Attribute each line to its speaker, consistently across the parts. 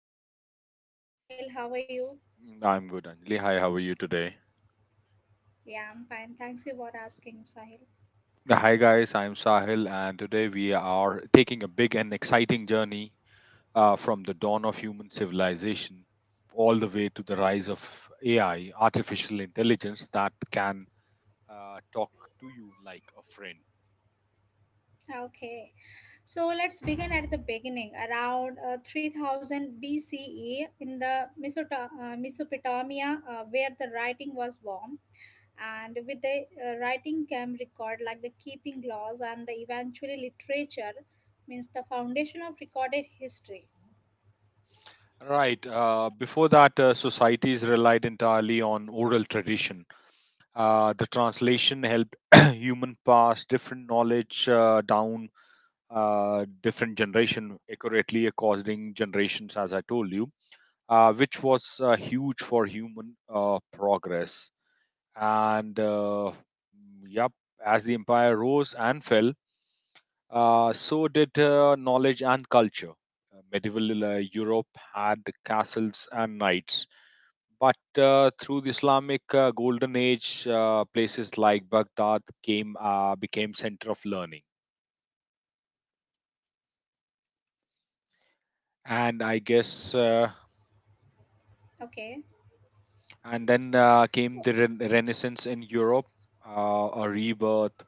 Speaker 1: with Sahil. Hi Sahil, how are you?
Speaker 2: Mm, I'm good, Anjali. Hi, how are you today?
Speaker 1: Yeah, I'm fine. Thanks you for asking, Sahil.
Speaker 2: Hi, guys. I'm Sahil, and today we are taking a big and exciting journey from the dawn of human civilization all the way to the rise of AI, artificial intelligence that can talk to you like a friend.
Speaker 1: Okay, so let's begin at the beginning, around 3000 BCE in Mesopotamia, where the writing was born, and with the writing came record like the keeping laws and the eventually literature means the foundation of recorded history.
Speaker 2: Right. Before that, societies relied entirely on oral tradition. The translation helped human pass different knowledge down different generation accurately according generations as I told you, which was huge for human progress and yep, as the empire rose and fell, so did knowledge and culture. Medieval europe had castles and knights, but through the islamic golden age, places like baghdad came became center of learning, and i guess uh,
Speaker 1: Okay.
Speaker 2: And then came the Renaissance in Europe, a rebirth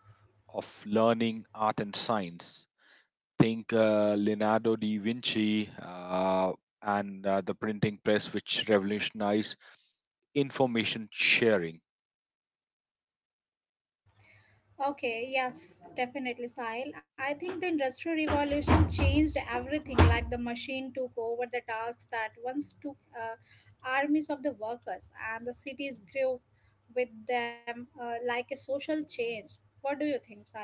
Speaker 2: of learning, art, and science. Think Leonardo da Vinci, and the printing press, which revolutionized information sharing.
Speaker 1: Okay, yes, definitely, Sahil, I think the industrial revolution changed everything, like the machine took over the tasks that once took uh, armies of the workers, and the cities grew with them, like a social change. What do you think, Sahil?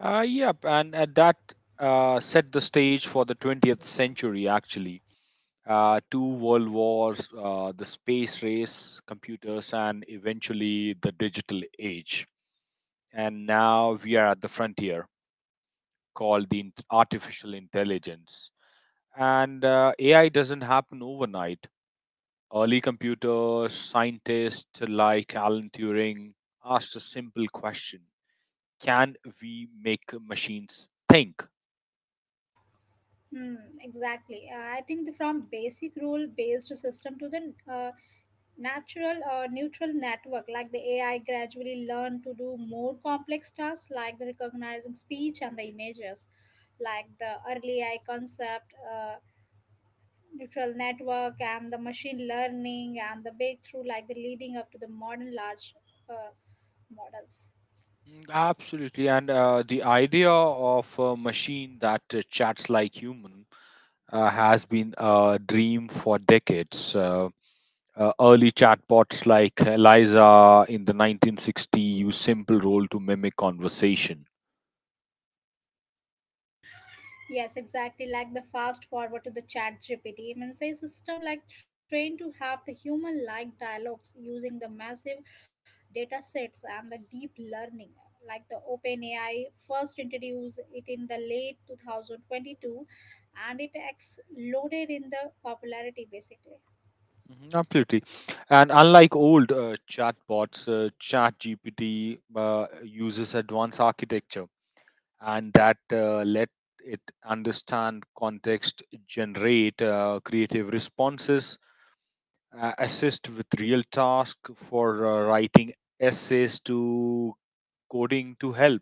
Speaker 2: Yep, and that set the stage for the 20th century, actually. Two world wars, the space race, computers, and eventually the digital age. And now we are at the frontier called the artificial intelligence, and ai doesn't happen overnight. Early computer scientists like alan turing asked a simple question: can we make machines think?
Speaker 1: Hmm, exactly. I think the, from basic rule-based system to the natural or neutral network, like the AI gradually learn to do more complex tasks like the recognizing speech and the images, like the early AI concept, neutral network, and the machine learning and the breakthrough, like the leading up to the modern large uh, models.
Speaker 2: Mm, absolutely, and the idea of a machine that chats like human has been a dream for decades. Early chatbots like Eliza in the 1960s use simple role to mimic conversation.
Speaker 1: Yes, exactly. Like the fast forward to the chat GPT. Means say system like trained to have the human like dialogues using the massive data sets and the deep learning. Like the OpenAI first introduced it in the late 2022, and it exploded in the popularity basically.
Speaker 2: Mhm, absolutely. And unlike old chatbots, ChatGPT uses advanced architecture, and that let it understand context, generate creative responses, assist with real tasks for writing essays to coding to help.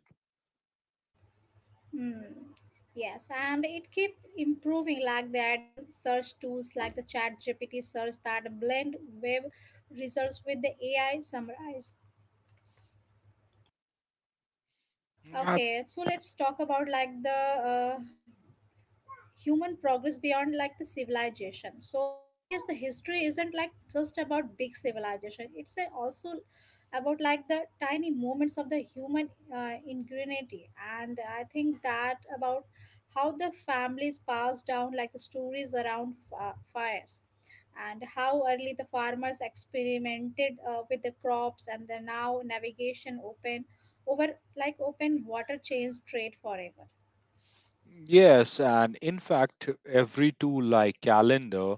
Speaker 1: Hmm. Yes, and it keep improving like the adding search tools like the chat GPT search that blend web results with the AI summarize. Okay, so let's talk about like the human progress beyond like the civilization. So I guess the history isn't like just about big civilization, it's a also about like the tiny moments of the human ingenuity. And I think that about how the families pass down like the stories around fires, and how early the farmers experimented with the crops, and the now navigation open over like open water changed trade forever.
Speaker 2: Yes, and in fact, every tool like calendar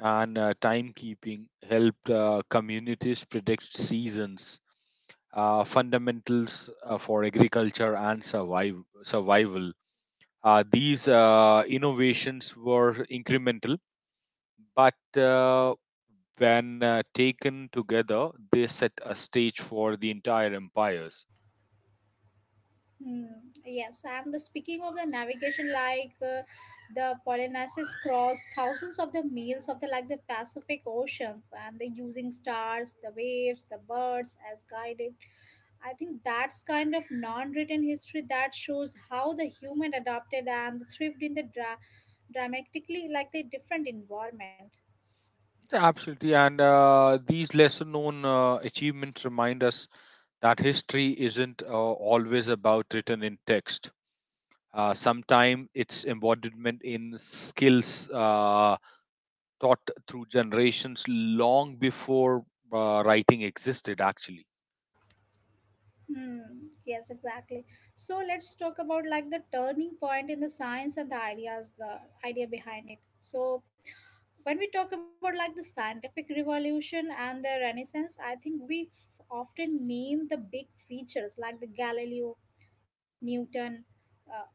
Speaker 2: and timekeeping helped communities predict seasons, fundamentals for agriculture and survival. These innovations were incremental, but when taken together, they set a stage for the entire empires.
Speaker 1: Hmm. Yes, and the speaking of the navigation, like the Polynesians crossed thousands of the miles of the like the Pacific Oceans, and they using stars, the waves, the birds as guided. I think that's kind of non-written history that shows how the human adapted and thrived in the dramatically like the different environment.
Speaker 2: Absolutely, and these lesser known achievements remind us that history isn't always about written in text. Sometimes it's embodiment in skills taught through generations long before writing existed, actually.
Speaker 1: Hmm. Yes, exactly. So let's talk about like the turning point in the science and the ideas, the idea behind it. So when we talk about like the scientific revolution and the renaissance, I think we often name the big features like the Galileo, Newton, but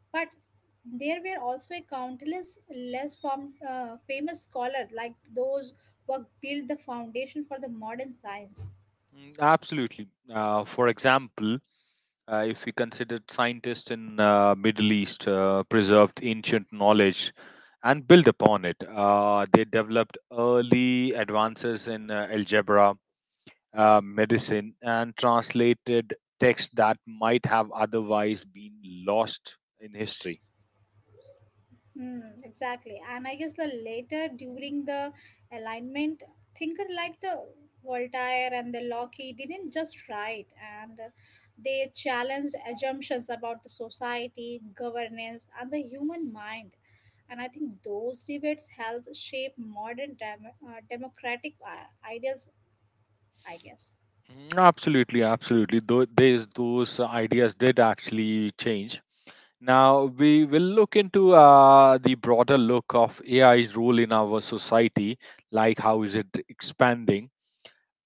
Speaker 1: there were also a countless less form, famous scholar like those who built the foundation for the modern science.
Speaker 2: Mm, absolutely. For example, if we considered scientists in Middle East preserved ancient knowledge and built upon it, they developed early advances in algebra, medicine and translated text that might have otherwise been lost in history.
Speaker 1: Mm, exactly. And I guess the later during the alignment, thinker like the Voltaire and the Locke didn't just write, and they challenged assumptions about the society, governance, and the human mind. And I think those debates help shape modern democratic ideas, I guess.
Speaker 2: Mm, absolutely, absolutely. Tho- These those ideas did actually change. Now we will look into the broader look of AI's role in our society, like how is it expanding.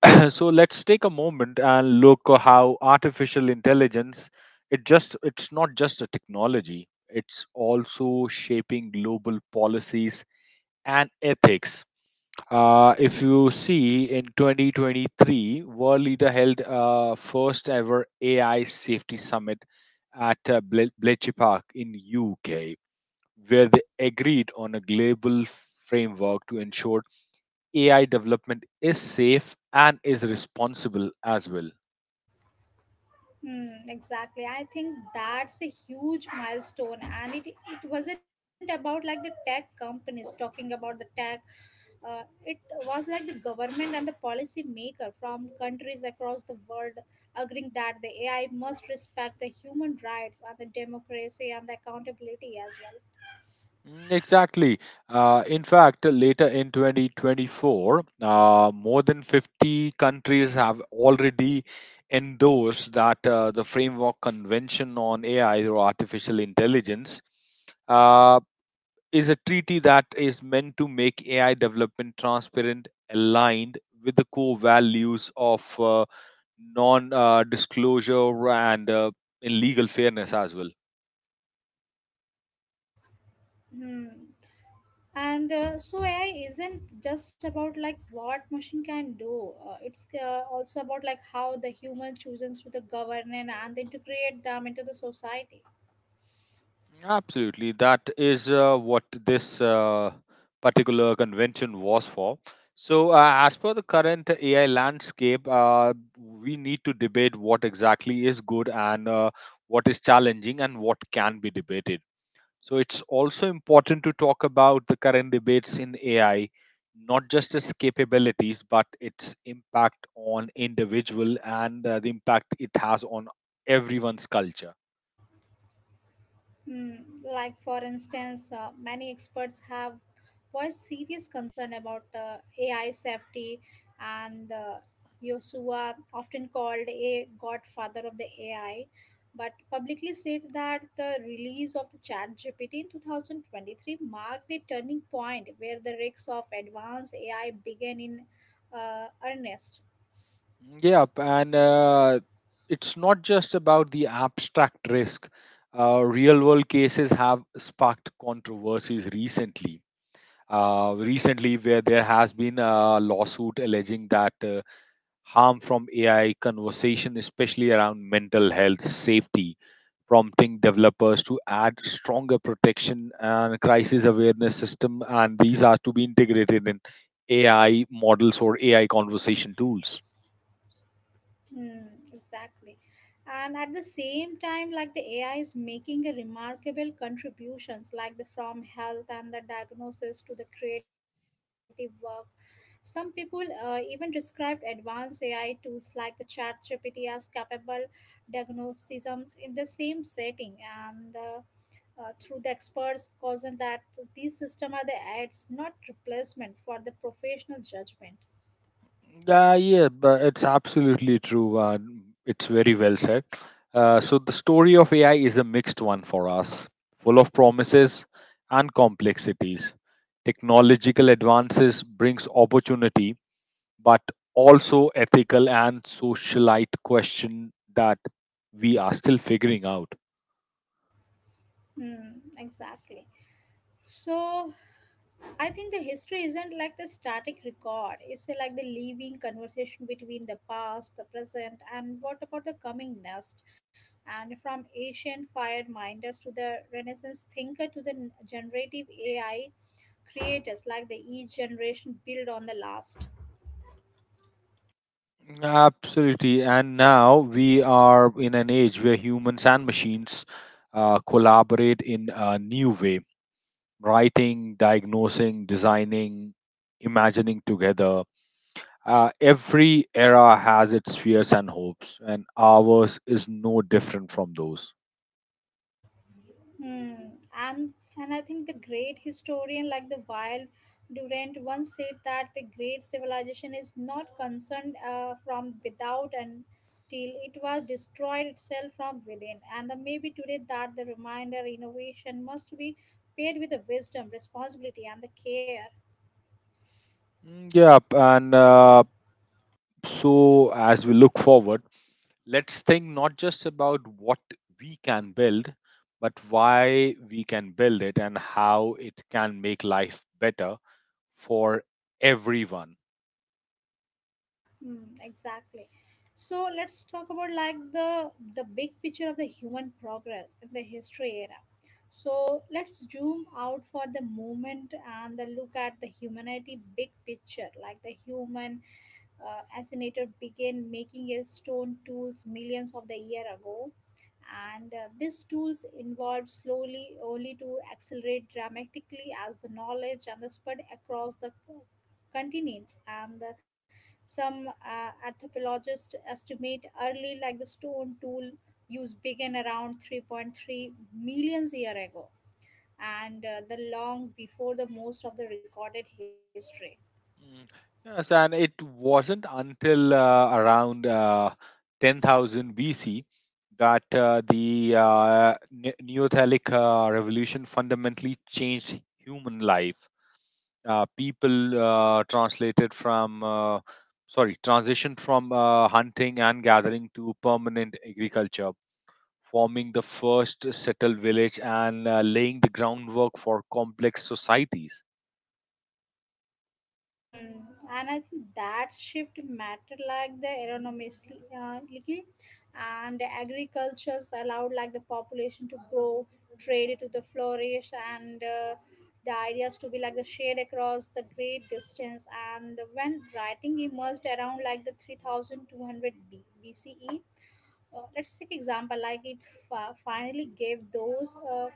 Speaker 2: So let's take a moment and look at how artificial intelligence it's not just a technology, it's also shaping global policies and ethics. If you see in 2023, world leader held first ever AI safety summit at Bletchley Park in UK, where they agreed on a global framework to ensure AI development is safe and is responsible as well.
Speaker 1: Hmm, exactly. I think that's a huge milestone, and it wasn't about like the tech companies talking about the tech. It was like the government and the policy maker from countries across the world agreeing that the AI must respect the human rights and the democracy and the accountability as well.
Speaker 2: Mm, exactly. In fact, later in 2024, more than 50 countries have already endorsed that the Framework Convention on AI or Artificial Intelligence uh, is a treaty that is meant to make AI development transparent, aligned with the core values of non-disclosure and in legal fairness as well.
Speaker 1: And so AI isn't just about like what machine can do. It's also about like how the human chooses to the govern and integrate them into the society.
Speaker 2: Absolutely. That is what this particular convention was for. So, as per the current AI landscape, we need to debate what exactly is good and what is challenging and what can be debated. So, it's also important to talk about the current debates in AI, not just its capabilities, but its impact on individual and the impact it has on everyone's culture.
Speaker 1: Hmm, like, for instance, many experts have voiced serious concern about AI safety, and Yosua, often called a godfather of the AI, but publicly said that the release of the ChatGPT in 2023 marked a turning point where the risks of advanced AI began in earnest.
Speaker 2: Yep, and it's not just about the abstract risk. Real world cases have sparked controversies recently. Where there has been a lawsuit alleging that harm from AI conversation, especially around mental health safety, prompting developers to add stronger protection and crisis awareness system, and these are to be integrated in AI models or AI conversation tools.
Speaker 1: Mm, exactly. And at the same time, like the AI is making a remarkable contributions, like the from health and the diagnosis to the creative work. Some people even describe advanced AI tools like the ChatGPT as capable diagnosticisms in the same setting, and through the experts, causing that these systems are the aids, not replacement for the professional judgment.
Speaker 2: Yeah, yeah, but it's absolutely true. It's very well said. So the story of AI is a mixed one for us, full of promises and complexities. Technological advances brings opportunity, but also ethical and socialite question that we are still figuring out.
Speaker 1: Mm, exactly. So I think the history isn't like the static record. It's like the living conversation between the past, the present, and what about the coming next? And from ancient fire minders to the Renaissance thinker to the generative AI creators, like the each generation build on the last.
Speaker 2: Absolutely. And now we are in an age where humans and machines collaborate in a new way, writing, diagnosing, designing, imagining together. Every era has its fears and hopes, and ours is no different from those.
Speaker 1: Hmm. And I think the great historian like the Wild Durant once said that the great civilization is not concerned from without and till it was destroyed itself from within. And the maybe today that the reminder innovation must be paired with the wisdom, responsibility, and the care.
Speaker 2: Mm, yep, and so as we look forward, let's think not just about what we can build, but why we can build it and how it can make life better for everyone.
Speaker 1: Mm, exactly. So let's talk about like the big picture of the human progress in the history era. So let's zoom out for the moment and the look at the humanity big picture, like the human assassinator began making a stone tools millions of the year ago, and these tools evolved slowly only to accelerate dramatically as the knowledge and the spread across the continents and the, some anthropologists estimate early like the stone tool use began around 3.3 millions year ago, and the long before the most of the recorded history.
Speaker 2: Mm, yes, and it wasn't until around 10,000 BC that the Neolithic revolution fundamentally changed human life. People transitioned from hunting and gathering to permanent agriculture, forming the first settled village and laying the groundwork for complex societies.
Speaker 1: Hmm, and I think that shift mattered like the agronomy, like, and the agricultures allowed like the population to grow, trade to the flourish, and the ideas to be like the shared across the great distance. And when writing emerged around like the 3200 BCE, let's take example like it finally gave those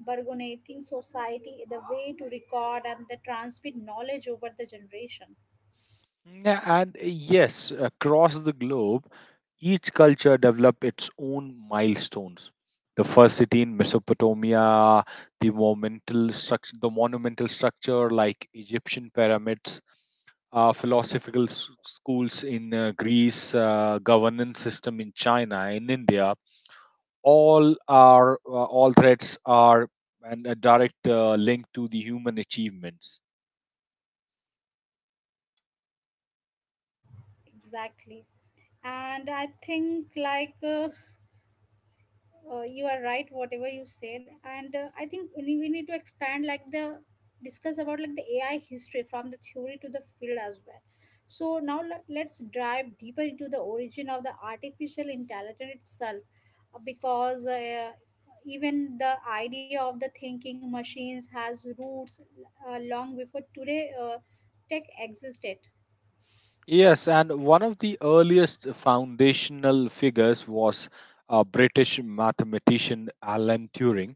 Speaker 1: bargaining society the way to record and the transmit knowledge over the generation.
Speaker 2: Yeah, and yes, across the globe, each culture developed its own milestones. The first city in Mesopotamia, the monumental structure like Egyptian pyramids, philosophical schools in Greece, governance system in China, in India, all threads are and a direct link to the human achievements.
Speaker 1: Exactly, and I think like. You are right whatever you said, and I think we need to expand like the discuss about like the AI history from the theory to the field as well. So now let's dive deeper into the origin of the artificial intelligence itself, because even the idea of the thinking machines has roots long before today tech existed.
Speaker 2: Yes, and one of the earliest foundational figures was a British mathematician Alan Turing,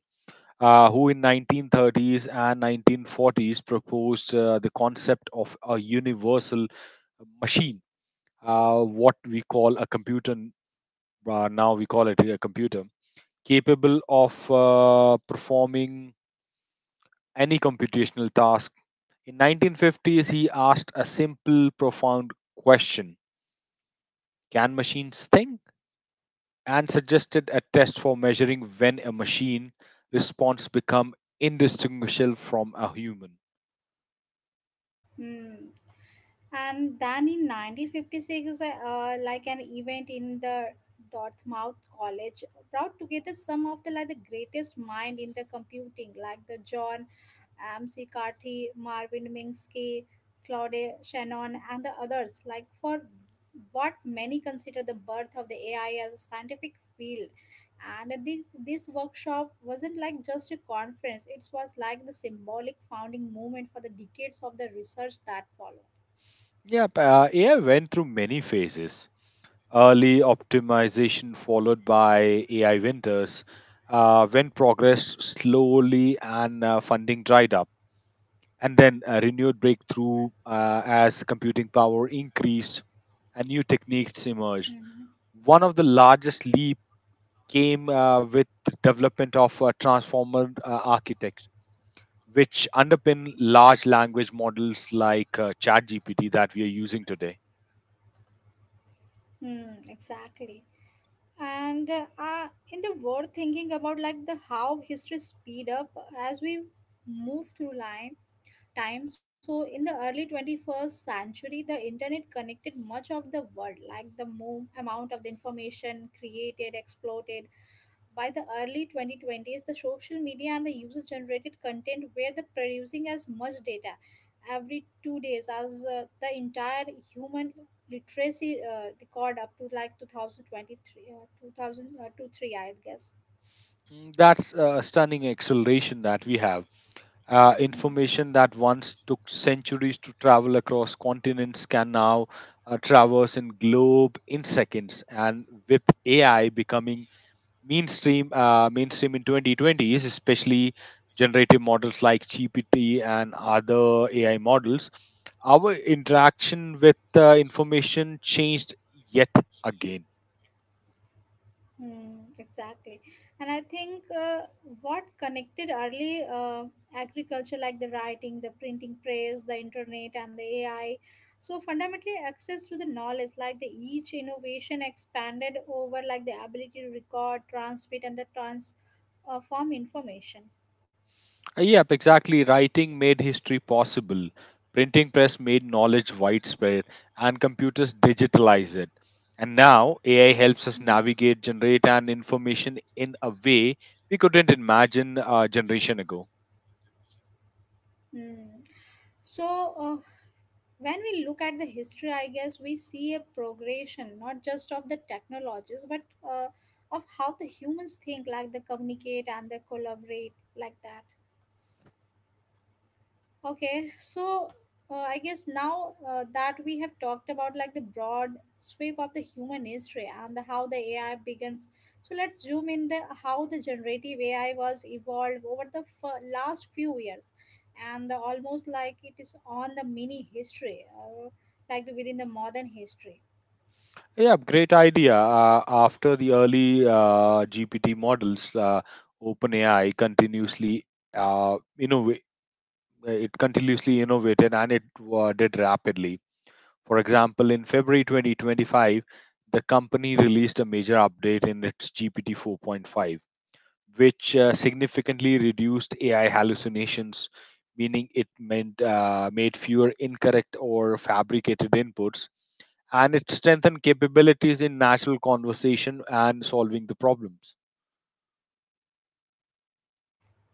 Speaker 2: who in 1930s and 1940s proposed the concept of a universal machine, what we call a computer n- now we call it a computer, capable of performing any computational task. In 1950s, he asked a simple, profound question: can machines think? And suggested a test for measuring when a machine response become indistinguishable from a human.
Speaker 1: Hmm. And then in 1956, like an event in the Dartmouth College brought together some of the like the greatest mind in the computing, like the John M.C. Carty, Marvin Minsky, Claude Shannon, and the others, like for what many consider the birth of the AI as a scientific field. And this workshop wasn't like just a conference; it was like the symbolic founding moment for the decades of the research that followed.
Speaker 2: Yeah, AI went through many phases. Early optimization followed by AI winters, when progress slowly and funding dried up, and then a renewed breakthrough as computing power increased and new techniques emerged.
Speaker 1: Mm-hmm.
Speaker 2: One of the largest leap came with development of transformer architecture which underpin large language models like ChatGPT that we are using today.
Speaker 1: Mm, exactly. And in the world thinking about like the how history speed up as we move through line, time. So in the early 21st century, the internet connected much of the world, like the amount of the information created, exploited, by the early 2020s, the social media and the user generated content were the producing as much data every 2 days as the entire human literacy record up to like 2023, 2000, 2003, I guess.
Speaker 2: Mm, that's a stunning acceleration that we have.
Speaker 1: Mhm.
Speaker 2: Information that once took centuries to travel across continents can now traverse in globe in seconds, and with AI becoming mainstream in 2020s, especially generative models like gpt and other ai models, our interaction with information changed yet again.
Speaker 1: Hmm, exactly. And I think what connected early agriculture, like the writing, the printing press, the internet, and the AI, so fundamentally access to the knowledge, like the each innovation expanded over like the ability to record, transmit, and the transform information.
Speaker 2: Yep, exactly. Writing made history possible, printing press made knowledge widespread, and computers digitalize it, and now ai helps us
Speaker 1: Hmm.
Speaker 2: navigate generate and information in a way we couldn't imagine a generation ago.
Speaker 1: Mm. So, when we look at the history, I guess we see a progression not just of the technologies but uh, of how the humans think, like they communicate and they collaborate, like that. Okay, so I guess now that we have talked about like the broad sweep of the human history and the, how the AI begins. So let's zoom in the how the generative AI was evolved over the last few years, and the, almost like it is on the mini history, like the, within the modern history.
Speaker 2: Yeah, great idea. After the early GPT models, OpenAI uh, innov- continuously innovated, and it did rapidly. For example, in February 2025, the company released a major update in its GPT 4.5, which significantly reduced AI hallucinations, meaning it meant made fewer incorrect or fabricated inputs, and it strengthens capabilities in natural conversation and solving the problems.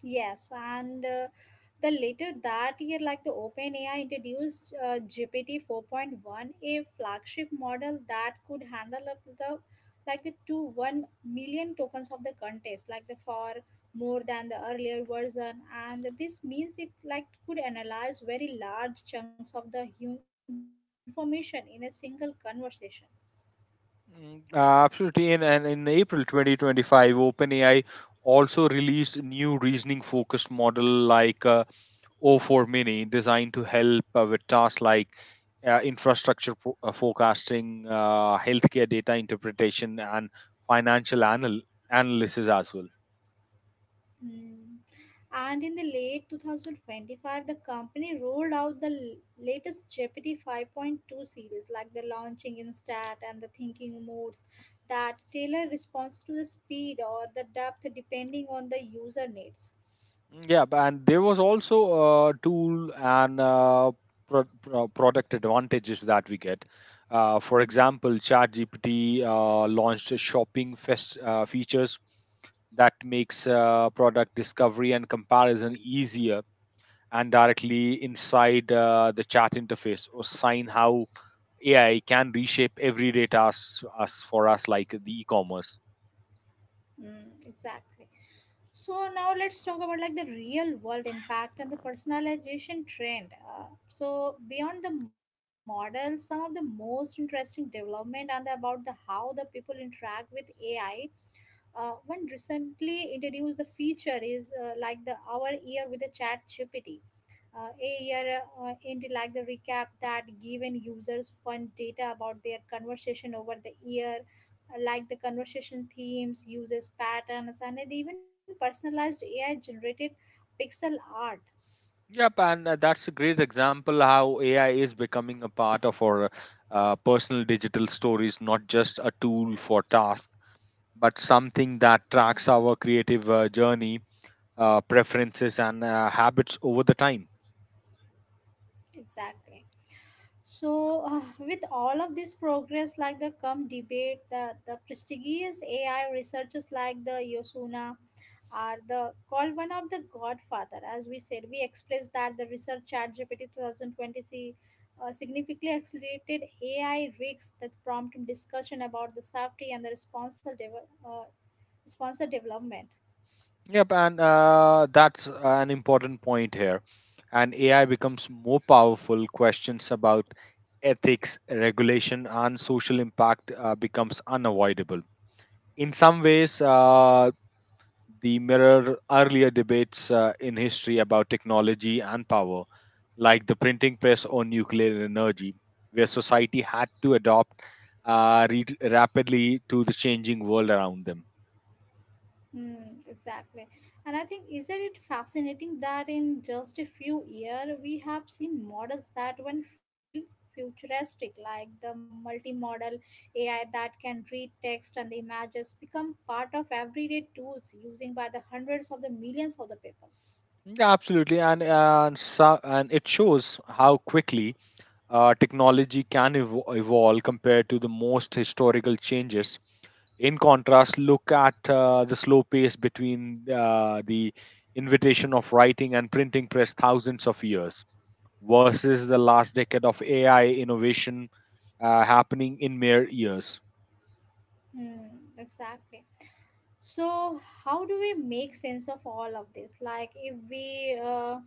Speaker 1: Yes, and the later that year, like the OpenAI introduced GPT 4.1, a flagship model that could handle up to the like the to 1 million tokens of the contest, like the for more than the earlier version. And this means it like could analyze very large chunks of the human information in a single conversation.
Speaker 2: Mm, absolutely. And in April 2025, OpenAI also released new reasoning focused model like O4 Mini, designed to help with tasks like infrastructure forecasting, healthcare data interpretation, and financial analysis as well.
Speaker 1: Hmm. And in the late 2025, the company rolled out the latest Jeopardy 5.2 series, like the launching instat and the thinking modes that tailor response to the speed or the depth depending on the user needs.
Speaker 2: Mm, yeah, and there was also a tool and product advantages that we get. For
Speaker 1: Mhm.
Speaker 2: example, ChatGPT launched a shopping fest, features that makes product discovery and comparison easier, and directly inside the chat interface or sign how AI can reshape everyday tasks us for us like the e-commerce.
Speaker 1: Mm, exactly. So now let's talk about like the real world impact and the personalization trend. So beyond the model, some of the most interesting development and about the how the people interact with AI. One recently introduced the feature is like the our ear with a chat GPT a year end like the recap that given users fun data about their conversation over the year, like the conversation themes, uses patterns, and even personalized AI generated pixel art.
Speaker 2: Yep, and that's a great example how AI is becoming a part of our personal digital stories, not just a tool for tasks, but something that
Speaker 1: Hmm,
Speaker 2: tracks our creative journey, preferences, and habits over the time.
Speaker 1: exactly. So, with all of this progress, like the come debate, the prestigious AI researchers like the Yosuna are the called one of the godfather. As we said, we expressed that the research chat GPT 2020 see, significantly accelerated AI risks that prompt discussion about the safety and the responsible development.
Speaker 2: Yep, and that's an important point here. And AI becomes more powerful. Questions about ethics, regulation, and social impact becomes unavoidable. In some ways, the mirror earlier debates in history about technology and power, like the printing press or nuclear energy, where society had to adopt rapidly to the changing world around them.
Speaker 1: Mm, exactly. And I think, isn't it fascinating that in just a few years, we have seen models that one feel futuristic, like the multimodal AI that can read text and the images become part of everyday tools using by the hundreds of the millions of the people.
Speaker 2: Yeah, absolutely, and, so, and it shows how quickly technology can evolve compared to the most historical changes. In contrast, look at the slow pace between the invitation of writing and printing press thousands of years versus the last decade of AI innovation happening in mere years.
Speaker 1: Hmm, exactly. So, how do we make sense of all of this? Like, if we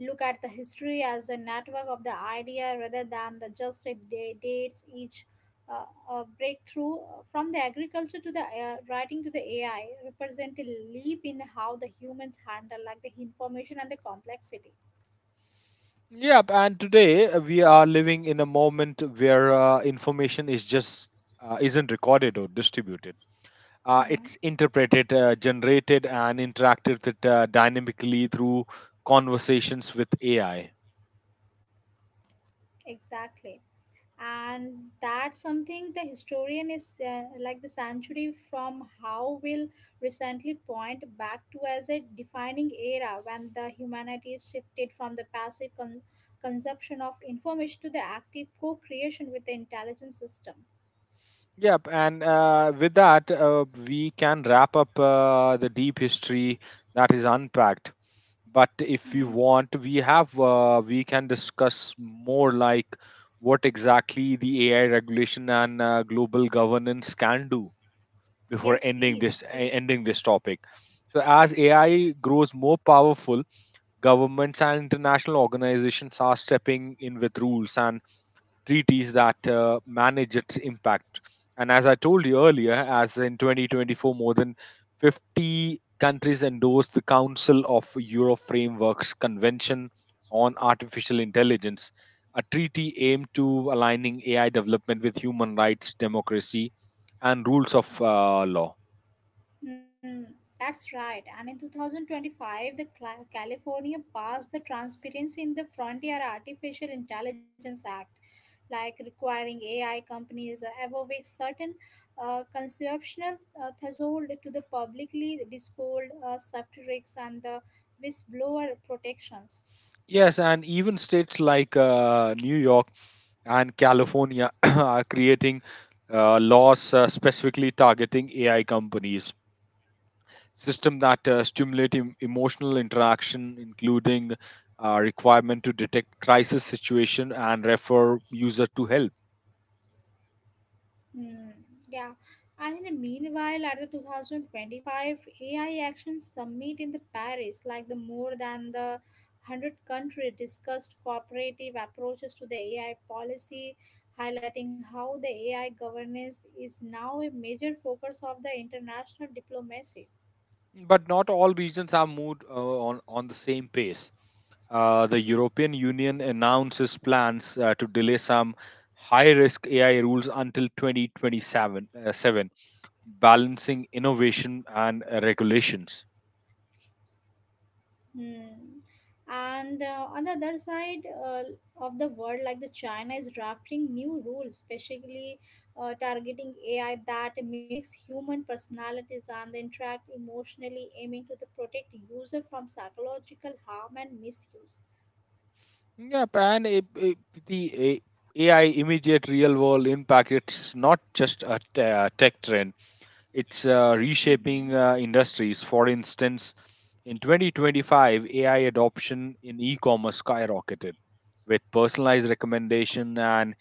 Speaker 1: look at the history as a network of the idea rather than the just a dates each uh, breakthrough from the agriculture to the writing to the AI represent a leap in how the humans handle like the information and the complexity.
Speaker 2: Yep, and today we are living in a moment where information is just isn't recorded or distributed.
Speaker 1: Hmm,
Speaker 2: It's interpreted, generated, and interacted with, dynamically through conversations with AI.
Speaker 1: exactly. And that's something the historian is like the century from how will recently point back to as a defining era when the humanity shifted from the passive consumption of information to the active co-creation with the intelligent system.
Speaker 2: Yep, and with that, we can wrap up the deep history that is unpacked. But if you
Speaker 1: Hmm.
Speaker 2: want, we can discuss more like what exactly the AI regulation and global governance can do before
Speaker 1: Yes,
Speaker 2: ending
Speaker 1: please, please.
Speaker 2: ending this topic. So as AI grows more powerful, governments and international organizations are stepping in with rules and treaties that manage its impact. And as I told you earlier, as in 2024, more than 50 countries endorsed the Council of Europe Framework's Convention on Artificial Intelligence, a treaty aimed to aligning AI development with human rights, democracy, and rules of law.
Speaker 1: Hmm, that's right. And in 2025, the California passed the Transparency in the Frontier Artificial Intelligence Act, like requiring AI companies above a certain conceptual threshold to the publicly disclosed subtitles and the whistleblower protections.
Speaker 2: Yes, and even states like New York and California are creating laws specifically targeting AI companies. System that stimulate emotional interaction, including requirement to detect crisis situation and refer user to help.
Speaker 1: Hmm. Yeah. And in the meanwhile, at the 2025 AI Action Summit in the Paris, like the more than the 100 country discussed cooperative approaches to the AI policy, highlighting how the AI governance is now a major focus of the international diplomacy.
Speaker 2: But not all regions are moved on the same pace. The European Union announces plans to delay some high risk AI rules until 2027 balancing innovation and regulations.
Speaker 1: Hmm. And on the other side of the world, like the China is drafting new rules, especially targeting AI that mimics human personalities and interact emotionally, aiming to the protect user from psychological harm and misuse.
Speaker 2: Yep, and the A- AI immediate real world impact, it's not just a tech trend, it's
Speaker 1: Mhm.
Speaker 2: reshaping industries. For instance, in 2025, AI adoption in e commerce skyrocketed with personalized recommendation and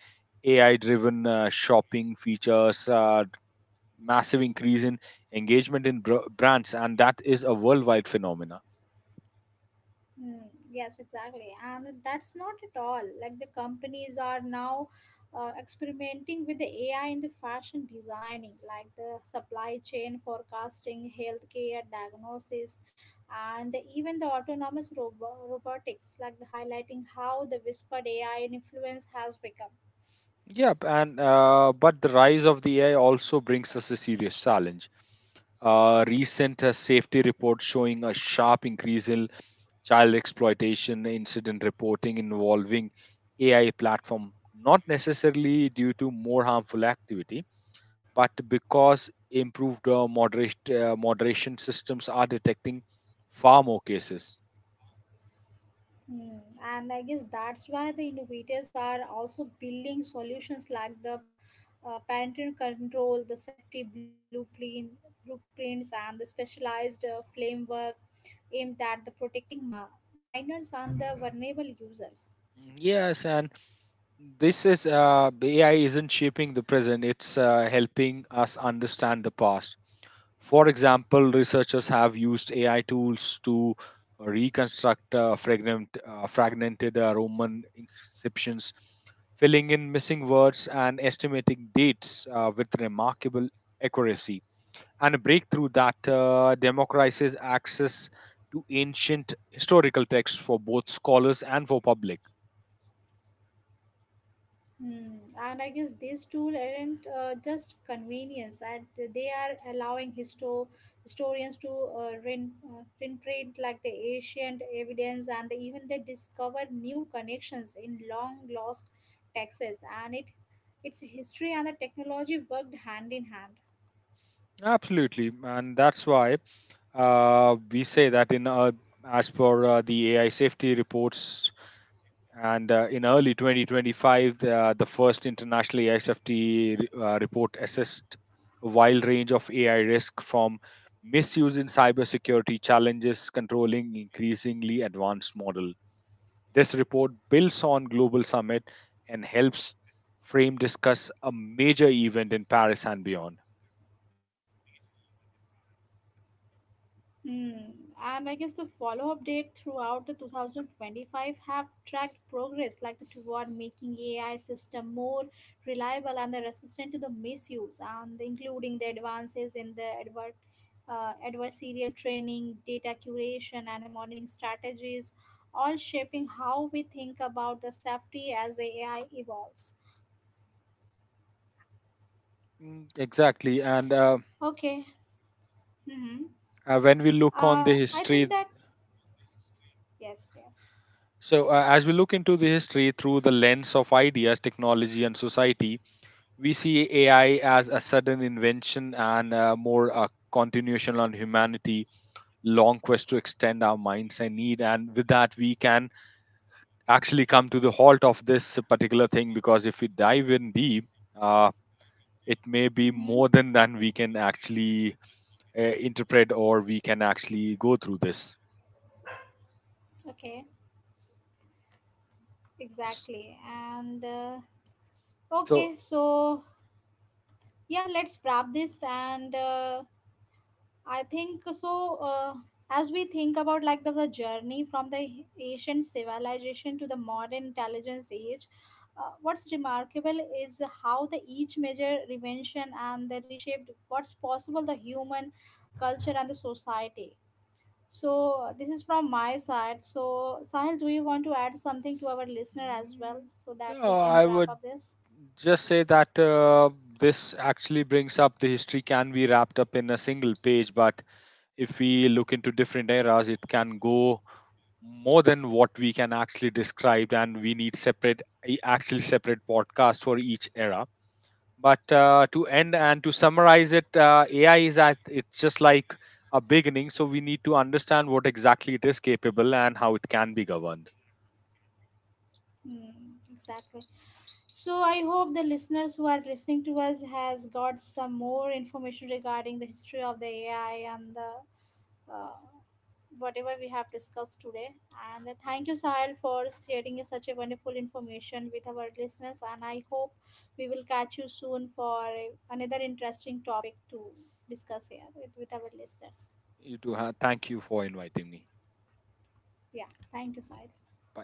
Speaker 2: AI driven shopping features, massive increase in engagement in brands, and that is a worldwide phenomena.
Speaker 1: Mm, yes, exactly. And that's not at all. Like the companies are now experimenting with the AI in the fashion designing, like the supply chain forecasting, healthcare diagnosis, and the, even the autonomous robotics, like the highlighting how the whispered AI influence has become.
Speaker 2: Yep, and but the rise of the AI also brings us a serious challenge. Recent safety reports showing a sharp increase in child exploitation incident reporting involving AI platform, not necessarily due to more harmful activity, but because improved moderation systems are detecting far more cases.
Speaker 1: Mm, and I guess that's why the innovators are also building solutions like the parental control, the blueprints, and the specialized framework aimed at the protecting minors and the vulnerable users.
Speaker 2: Mm. Yes, and this is the AI isn't shaping the present, it's helping us understand the past. For example, researchers have used AI tools to reconstruct fragmented Roman inscriptions, filling in missing words and estimating dates with remarkable accuracy. And a breakthrough that democratizes access to ancient historical texts for both scholars and for public.
Speaker 1: Hmm. And I guess these tools aren't just convenience, and they are allowing historians to reprint like the ancient evidence, and even they discover new connections in long lost texts. And its history and the technology worked hand in hand.
Speaker 2: Absolutely, and that's why we say that in as per the AI safety reports, and in early 2025, the first international AI safety report assessed a wide range of AI risk from misuse in cybersecurity challenges controlling increasingly advanced model. This report builds on global summit and helps frame discuss a major event in Paris and beyond.
Speaker 1: Hmm. And I guess the follow-up date throughout the 2025 have tracked progress like the toward making AI system more reliable and the resistant to the misuse and including the advances in the adversarial training, data curation and monitoring strategies, all shaping how we think about the safety as the AI evolves.
Speaker 2: Mm. Exactly, and
Speaker 1: Okay. Mm-hmm.
Speaker 2: when we look on the
Speaker 1: I think
Speaker 2: history.
Speaker 1: that yes, yes.
Speaker 2: So, as we look into the history through the lens of ideas, technology, and society, we see AI as a sudden invention and more a continuation on humanity, long quest to extend our minds and need. And with that, we can actually come to the halt of this particular thing because if we dive in deep, uh, it may be
Speaker 1: Mm-hmm.
Speaker 2: more than we can actually interpret or we can actually go through this.
Speaker 1: Okay.
Speaker 2: S-
Speaker 1: Exactly. And
Speaker 2: So,
Speaker 1: okay, so yeah, let's wrap this. And I think so. As we think about like the journey from the ancient civilization to the modern intelligence age, what's remarkable is how the each major invention and the reshaped what's possible the human culture and the society. So this is from my side. So Sahil, do you want to add something to our listener as well
Speaker 2: mm,
Speaker 1: so that
Speaker 2: no,
Speaker 1: we can
Speaker 2: I
Speaker 1: wrap
Speaker 2: would
Speaker 1: up this?
Speaker 2: just say that this actually brings up the history can be wrapped up in a single page, but if we look into different eras, it can go more than what we can actually describe, and we need separate, actually separate podcasts for each era. But to end and to
Speaker 1: Exactly.
Speaker 2: summarize it, AI is at it's just like a beginning, so we need to understand what exactly it is capable and how it can be governed.
Speaker 1: Mm, exactly. So I hope the listeners who are listening to us has got some more information regarding the history of the AI and the uh, whatever we have discussed today. And thank you, Sahil, for sharing such a wonderful information with our listeners. And I hope we will catch you soon for another interesting topic to discuss here with our listeners.
Speaker 2: You too. Thank you for inviting me.
Speaker 1: Yeah. Thank you, Sahil.
Speaker 2: Bye.